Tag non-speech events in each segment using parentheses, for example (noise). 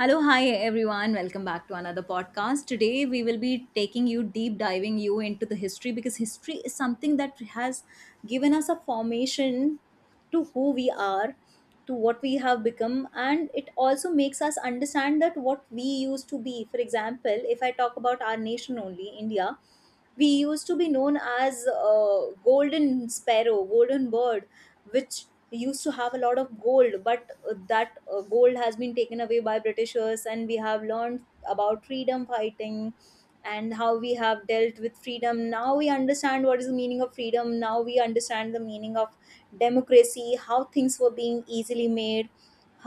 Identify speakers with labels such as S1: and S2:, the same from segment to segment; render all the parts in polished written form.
S1: Hello, hi everyone. Welcome back to another podcast. Today we will be taking you deep diving you into the history because history is something that has given us a formation to who we are, to what we have become and it also makes us understand that what we used to be. For example, if I talk about our nation only, India, we used to be known as golden sparrow golden bird which used to have a lot of gold but that gold has been taken away by britishers, and we have learned about freedom fighting and how we have dealt with freedom. Now we understand what is the meaning of freedom, now we understand the meaning of democracy, how things were being easily made,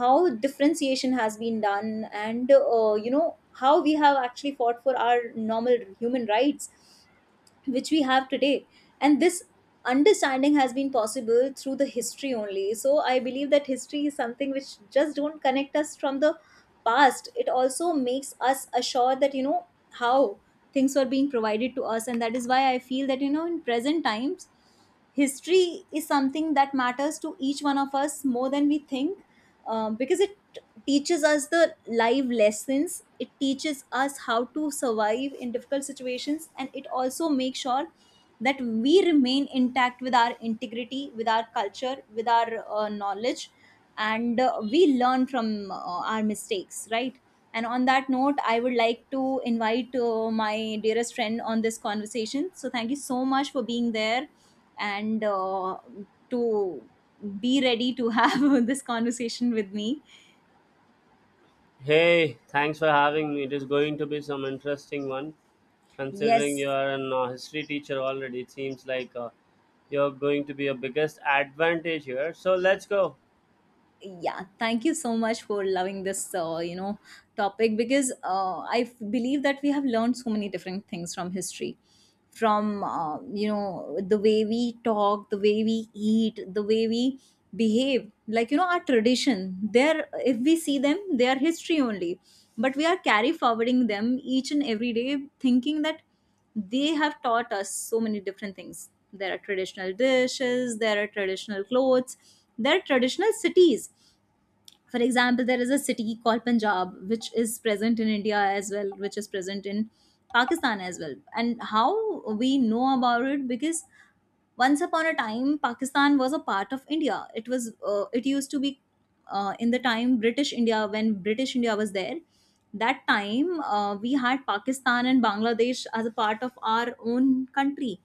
S1: how differentiation has been done, and you know how we have actually fought for our normal human rights which we have today. And this understanding has been possible through the history only. So I believe that history is something which just don't connect us from the past, it also makes us assured that you know how things were being provided to us. And that is why I feel that you know in present times history is something that matters to each one of us more than we think. Because it teaches us the live lessons, it teaches us how to survive in difficult situations, and it also makes sure that we remain intact with our integrity, with our culture, with our knowledge, and we learn from our mistakes, right? And on that note I would like to invite my dearest friend on this conversation. So thank you so much for being there, and to be ready to have (laughs) this conversation with me.
S2: Hey, thanks for having me. It is going to be some interesting one. Considering you
S1: Yes,
S2: are an history teacher already, it seems like you're going to be a biggest advantage here. So let's go.
S1: yeah. Thank you so much for loving this, topic, because believe that we have learned so many different things from history, from the way we talk, the way we eat, the way we behave. Our tradition. There, if we see them, they are history only. But we are carry forwarding them each and every day, thinking that they have taught us so many different things. There are traditional dishes, there are traditional clothes, there are traditional cities. For example, there is a city called Punjab which is present in India as well, which is present in Pakistan as well. And how we know about it? Because once upon a time Pakistan was a part of India. It was it used to be in the time British India. When British India was there, that time we had Pakistan and Bangladesh as a part of our own country.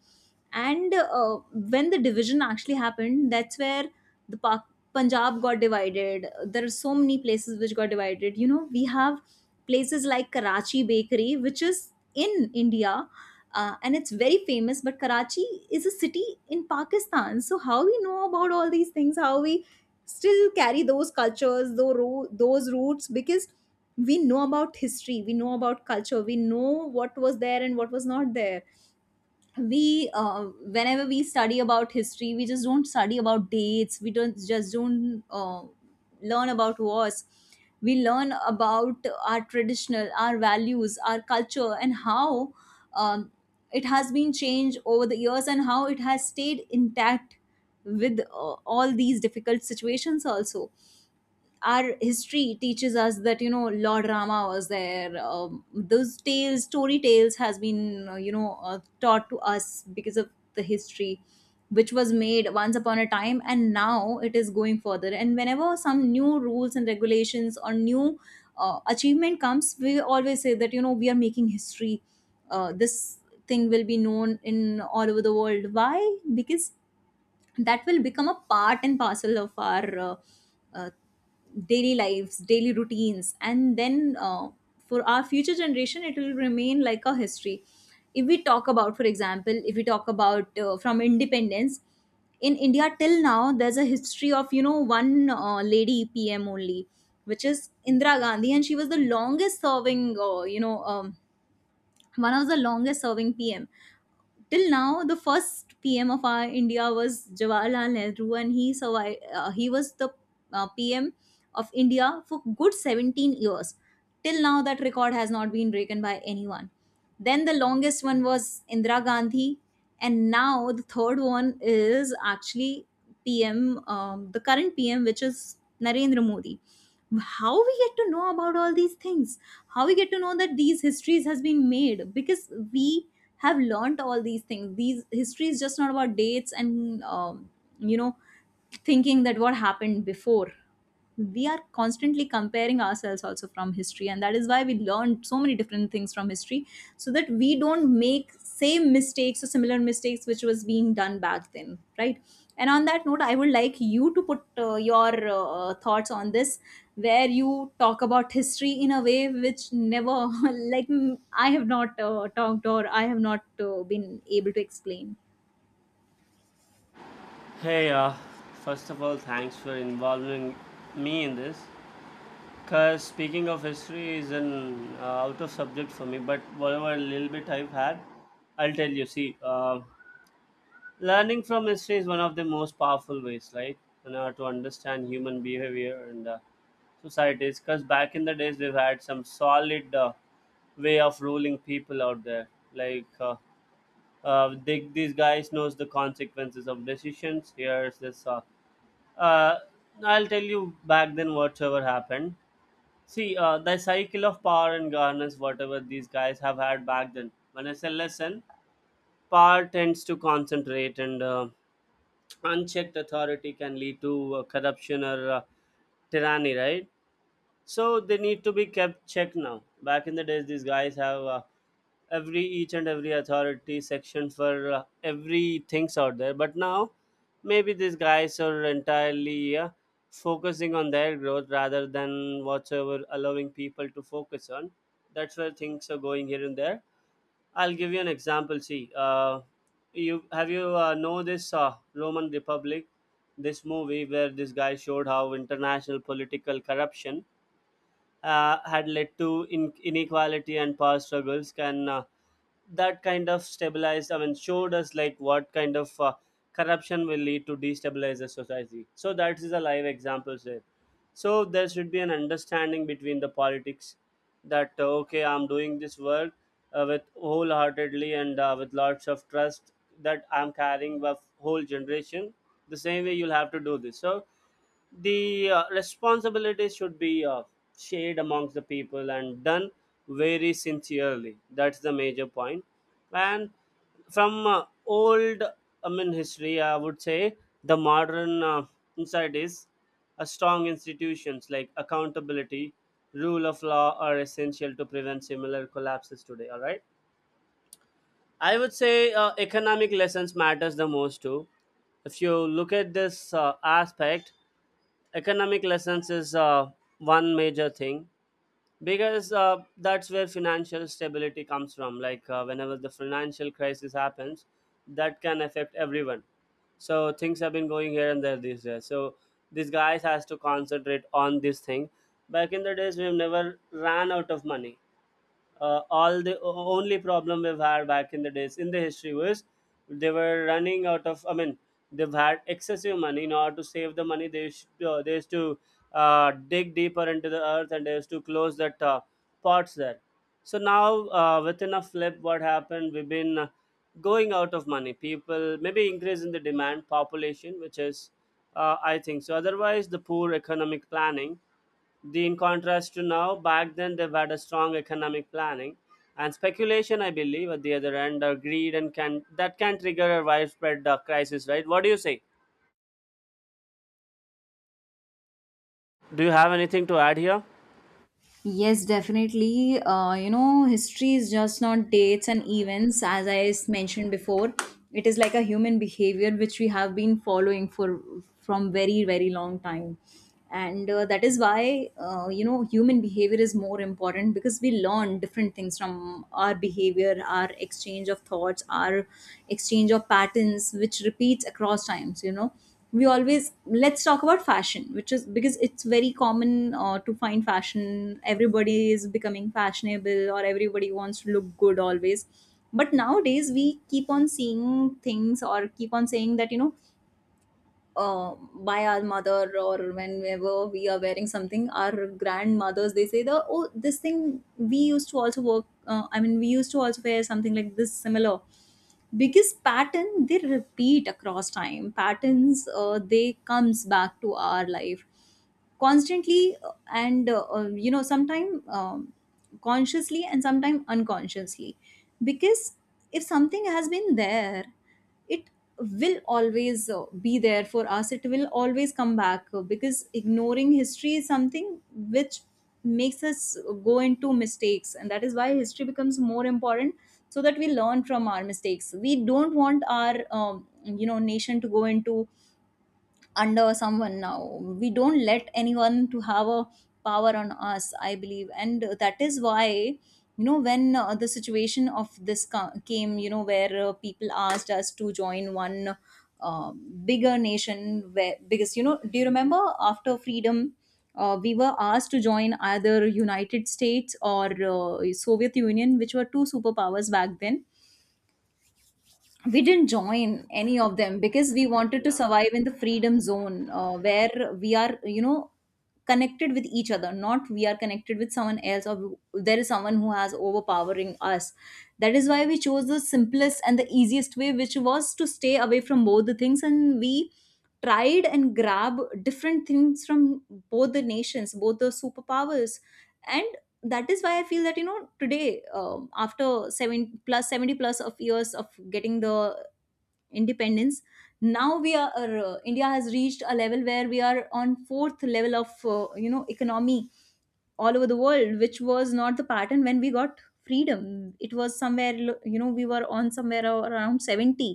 S1: And when the division actually happened, that's where the Pak- Punjab got divided. There are so many places which got divided. You know, we have places like Karachi Bakery, which is in India. And it's very famous, but Karachi is a city in Pakistan. So how we know about all these things? How we still carry those cultures, those roots? Because we know about history, we know about culture, we know what was there and what was not there. We whenever we study about history, we just don't study about dates, we don't just don't learn about wars. We learn about our traditional, our values, our culture, and how um, it has been changed over the years and how it has stayed intact with all these difficult situations also. Our history teaches us that you know Lord Rama was there. Those tales, story tales has been taught to us because of the history which was made once upon a time. And now it is going further, and whenever some new rules and regulations or new achievement comes, we always say that you know we are making history. This thing will be known in all over the world. Why? Because that will become a part and parcel of our uh, daily lives, daily routines. And then for our future generation it will remain like a history. If we talk about, for example, if we talk about from independence in India till now, there's a history of you know one lady PM only, which is Indira Gandhi, and she was the longest serving one of the longest serving PM. Till now, the first PM of our India was Jawaharlal Nehru, and he survived. He was the PM of India for good 17 years. Till now, that record has not been broken by anyone. Then the longest one was Indira Gandhi, and now the third one is actually PM, the current PM, which is Narendra Modi. How we get to know about all these things? How we get to know that these histories has been made? Because we have learnt all these things. These history is just not about dates and you know thinking that what happened before. We are constantly comparing ourselves also from history, and that is why we learn so many different things from history, so that we don't make same mistakes or similar mistakes which was being done back then, right? And on that note I would like you to put your thoughts on this, where you talk about history in a way which never (laughs) like I have not talked or I have not been able to explain.
S2: Hey, first of all, thanks for involving me in this. Cause speaking of history is an out of subject for me, but whatever little bit I've had, I'll tell you. See, learning from history is one of the most powerful ways, right, in order to understand human behavior and societies, because back in the days we've had some solid way of ruling people out there, like these guys knows the consequences of decisions. Here's this uh, I'll tell you, back then whatever happened. See, the cycle of power and governance, whatever these guys have had back then. When I say lesson, power tends to concentrate and unchecked authority can lead to corruption or tyranny, right? So they need to be kept checked now. Back in the days, these guys have every each and every authority section for every things out there. But now, maybe these guys are entirely focusing on their growth rather than whatsoever allowing people to focus on. That's where things are going here and there. I'll give you an example. See, you know this Roman Republic, this movie where this guy showed how international political corruption had led to inequality and power struggles can that kind of stabilized. I mean, showed us like what kind of corruption will lead to destabilize the society. So that is a live example there. So there should be an understanding between the politics that okay, I'm doing this work with wholeheartedly and with lots of trust that I'm carrying with whole generation, the same way you'll have to do this. So the responsibilities should be shared amongst the people and done very sincerely. That's the major point. And from old, I mean history, I would say the modern insight is a strong institutions like accountability, rule of law are essential to prevent similar collapses today. All right, I would say economic lessons matters the most too. If you look at this aspect, economic lessons is one major thing, because that's where financial stability comes from. Like whenever the financial crisis happens, that can affect everyone. So things have been going here and there these days. So these guys has to concentrate on this thing. Back in the days, we've never ran out of money. All the only problem we've had back in the days in the history was they were running out of, I mean, they've had excessive money. In order to save the money they used, they used to dig deeper into the earth, and they used to close that pots there. So now within a flip, what happened, we've been going out of money. People, maybe increase in the demand population, which is I think so, otherwise the poor economic planning, the in contrast to now, back then they've had a strong economic planning and speculation, I believe, at the other end, or greed, and can that can trigger a widespread crisis, right? What do you say? Do you have anything to add here?
S1: Yes, definitely. You know, history is just not dates and events, as mentioned before. It is like a human behavior which we have been following for from very, very long time. And that is why, you know, human behavior is more important, because we learn different things from our behavior, our exchange of thoughts, our exchange of patterns, which repeats across times. You know, we always, let's talk about fashion, which is, because it's very common to find fashion, everybody is becoming fashionable or everybody wants to look good always. But nowadays we keep on seeing things or keep on saying that you know by our mother, or whenever we are wearing something, our grandmothers, they say the, oh, this thing we used to also work, I mean we used to also wear something like this similar. Biggest pattern, they repeat across time, patterns they comes back to our life constantly. And you know sometimes consciously and sometimes unconsciously, because if something has been there, it will always be there for us, it will always come back. Because ignoring history is something which makes us go into mistakes, and that is why history becomes more important, so that we learn from our mistakes. We don't want our nation to go into under someone. Now we don't let anyone to have a power on us, I believe. And that is why you know when the situation of came, you know, where people asked us to join one uh, bigger nation, where, because you know, do you remember after freedom we were asked to join either United States or Soviet Union, which were two superpowers back then. We didn't join any of them because we wanted to
S2: Yeah,
S1: survive in the freedom zone, where we are, you know, connected with each other, not we are connected with someone else or there is someone who has overpowering us. That is why we chose the simplest and the easiest way, which was to stay away from both the things, and we tried and grab different things from both the nations, both the superpowers. And that is why I feel that you know today, after 7 plus 70 plus of years of getting the independence, now we are India has reached a level where we are on fourth level of economy all over the world, which was not the pattern when we got freedom. It was somewhere, you know, we were on somewhere around 70.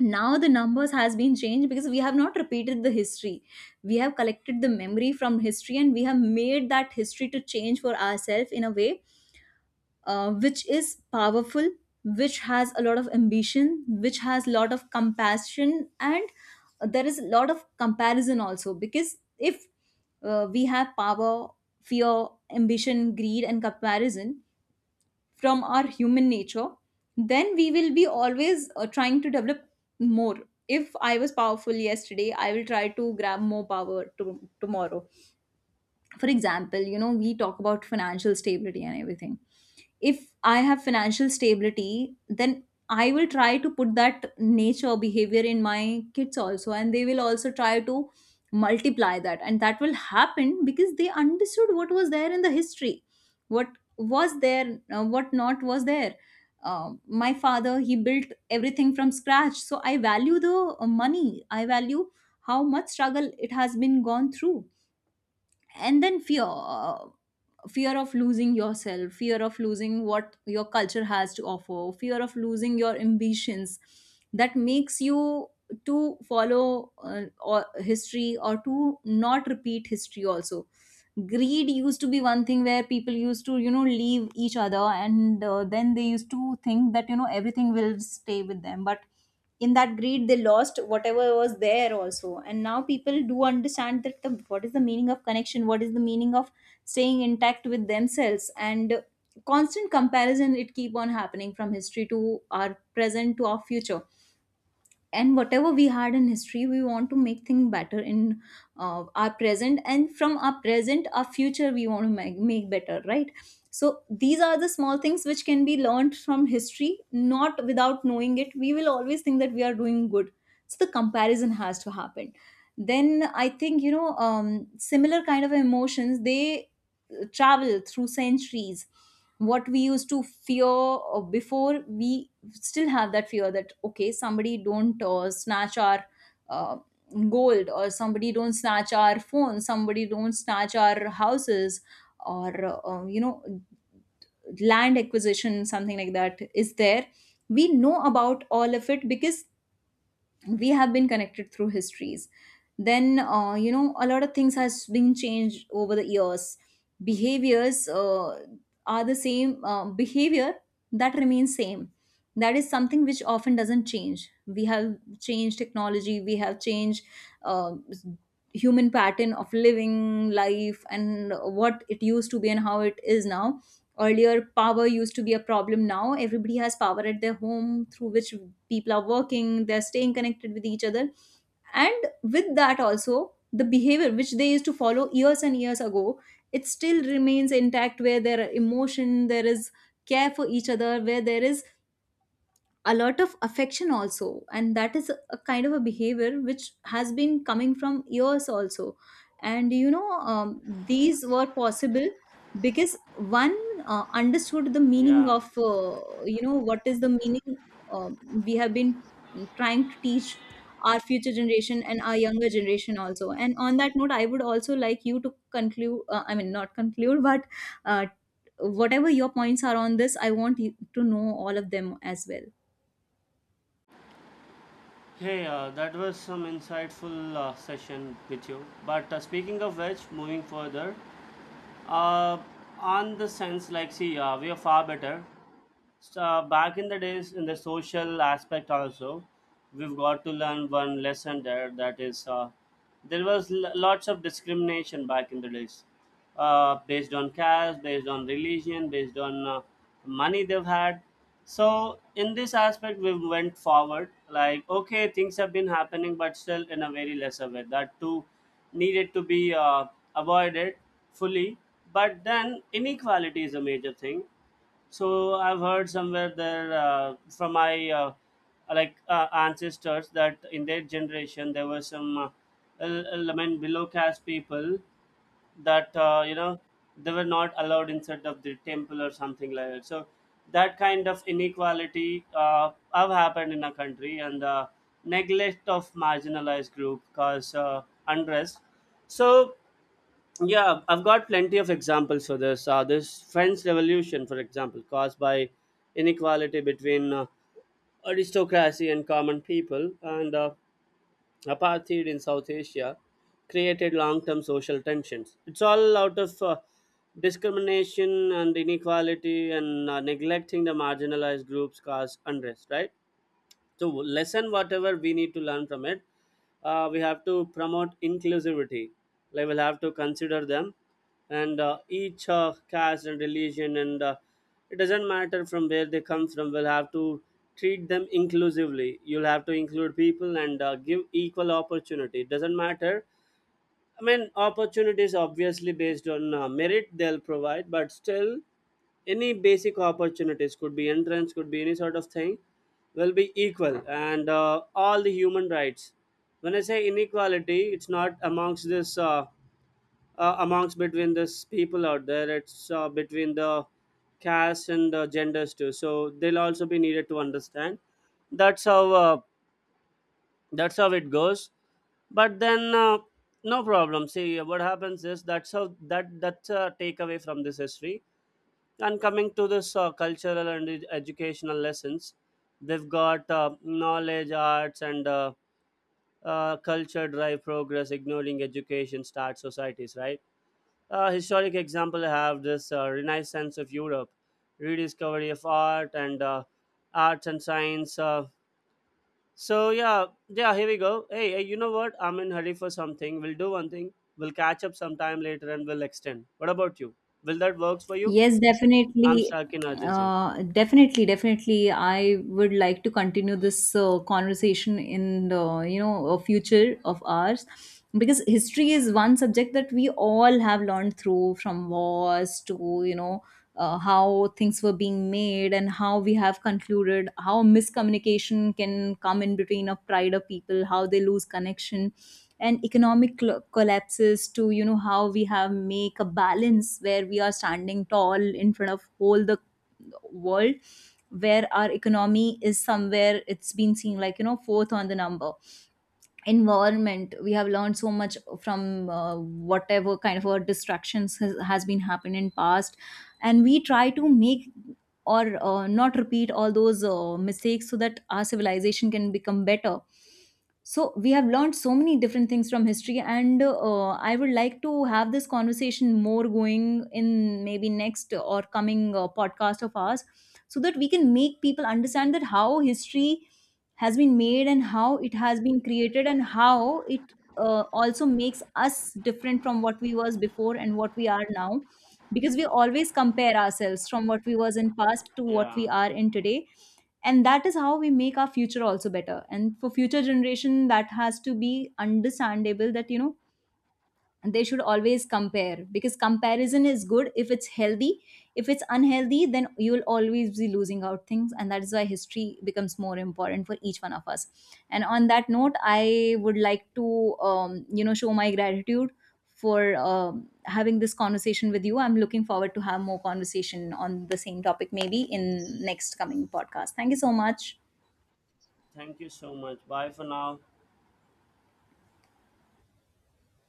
S1: Now the numbers has been changed because we have not repeated the history. We have collected the memory from history and we have made that history to change for ourselves in a way which is powerful, which has a lot of ambition, which has a lot of compassion, and there is a lot of comparison also. Because if we have power, fear, ambition, greed and comparison from our human nature, then we will be always trying to develop more. If I was powerful yesterday, I will try to grab more power to, tomorrow for example. You know, we talk about financial stability and everything. If I have financial stability, then I will try to put that nature behavior in my kids also, and they will also try to multiply that, and that will happen because they understood what was there in the history, what was there, what not was there. uh, my father, he built everything from scratch, so I value the money. I value how much struggle it has been gone through. And then fear, fear of losing yourself, fear of losing what your culture has to offer, fear of losing your ambitions, that makes you to follow or history or to not repeat history also. Greed used to be one thing where people used to, you know, leave each other, and then they used to think that, you know, everything will stay with them, but in that greed they lost whatever was there also. And now people do understand that the, what is the meaning of connection, what is the meaning of staying intact with themselves. And constant comparison, it keep on happening from history to our present to our future, and whatever we had in history, we want to make things better in our present, and from our present our future we want to make better, right? So these are the small things which can be learned from history. Not without knowing it, we will always think that we are doing good. So the comparison has to happen. Then I think, you know, similar kind of emotions, they travel through centuries. What we used to fear before, we still have that fear, that okay, somebody don't snatch our uh, gold, or somebody don't snatch our phone, somebody don't snatch our houses, or you know, land acquisition, something like that is there. We know about all of it because we have been connected through histories. Then you know, a lot of things has been changed over the years. Behaviors, are the same, behavior that remains same, that is something which often doesn't change. We have changed technology, we have changed uh, human pattern of living life, and what it used to be and how it is now. Earlier power used to be a problem, now everybody has power at their home through which people are working, they're staying connected with each other. And with that also, the behavior which they used to follow years and years ago, it still remains intact, where there are emotion, there is care for each other, where there is a lot of affection also, and that is a kind of a behavior which has been coming from years also. And you know, these were possible because one understood the meaning
S2: yeah.
S1: of, you know, what is the meaning. um, we have been trying to teach our future generation and our younger generation also, and on that note I would also like you to conclude, I mean not conclude, but uh, whatever your points are on this, I want you to know all of them as well.
S2: Hey, that was some insightful session with you. But speaking of which, moving further, uh, on the sense, like, see, we are far better. So back in the days, in the social aspect also, we've got to learn one lesson there. That is, there was lots of discrimination back in the days, based on caste, based on religion, based on money they've had. So in this aspect, we went forward. Like okay, things have been happening, but still in a very lesser way. That too needed to be avoided fully. But then inequality is a major thing. So I've heard somewhere there from my like ancestors, that in their generation there were some I mean below caste people that you know, they were not allowed inside of the temple or something like that. So that kind of inequality have happened in our country, and neglect of marginalized group cause unrest. So yeah, I've got plenty of examples for this. This French Revolution, for example, caused by inequality between aristocracy and common people, and apartheid in South Asia, created long term social tensions. It's all out of discrimination and inequality, and neglecting the marginalized groups caused unrest, right? So lesson whatever we need to learn from it, we have to promote inclusivity, like we'll have to consider them, and each caste and religion, and it doesn't matter from where they come from, we'll have to treat them inclusively. You'll have to include people and give equal opportunity. It doesn't matter. I mean, opportunities obviously based on merit they'll provide, but still, any basic opportunities could be entrance, could be any sort of thing, will be equal. And all the human rights. When I say inequality, it's not amongst this, amongst between this people out there, it's between the caste and the genders too. So they'll also be needed to understand. That's how uh, that's how it goes. But then no problem. See, what happens is that's how that's a takeaway from this history. And coming to this cultural and educational lessons, they've got knowledge, arts and culture drive progress. Ignoring education start societies, right? Historic example, I have this renaissance of Europe, rediscovery of art and arts and science. So yeah, yeah, here we go. Hey, hey, you know what? I'm in hurry for something. We'll do one thing. We'll catch up sometime later and we'll extend. What about you? Will that works for you?
S1: Yes,
S2: I'm
S1: definitely.
S2: stuck in urgency.
S1: Definitely, definitely. I would like to continue this conversation in the, you know, a future of ours, because history is one subject that we all have learned through, from wars to, you know, how things were being made and how we have concluded, how miscommunication can come in between of pride of people, how they lose connection, and economic collapses, to you know, how we have make a balance where we are standing tall in front of whole the world, where our economy is somewhere, it's been seen like, you know, fourth on the number. Environment, we have learned so much from whatever kind of distractions has been happened in past, and we try to make or not repeat all those mistakes, so that our civilization can become better. So we have learned so many different things from history, and I would like to have this conversation more going in, maybe next or coming podcast of ours, so that we can make people understand that how history has been made and how it has been created, and how it also makes us different from what we was before and what we are now, because we always compare ourselves from what we was in past to what
S2: Yeah.
S1: we are in today. And that is how we make our future also better, and for future generation that has to be understandable that, you know, they should always compare, because comparison is good if it's healthy. If it's unhealthy, then you will always be losing out things, and that is why history becomes more important for each one of us. And on that note, I would like to you know, show my gratitude for having this conversation with you. I'm looking forward to have more conversation on the same topic, maybe in next coming podcast. Thank you so much.
S2: Thank you so much. Bye for now.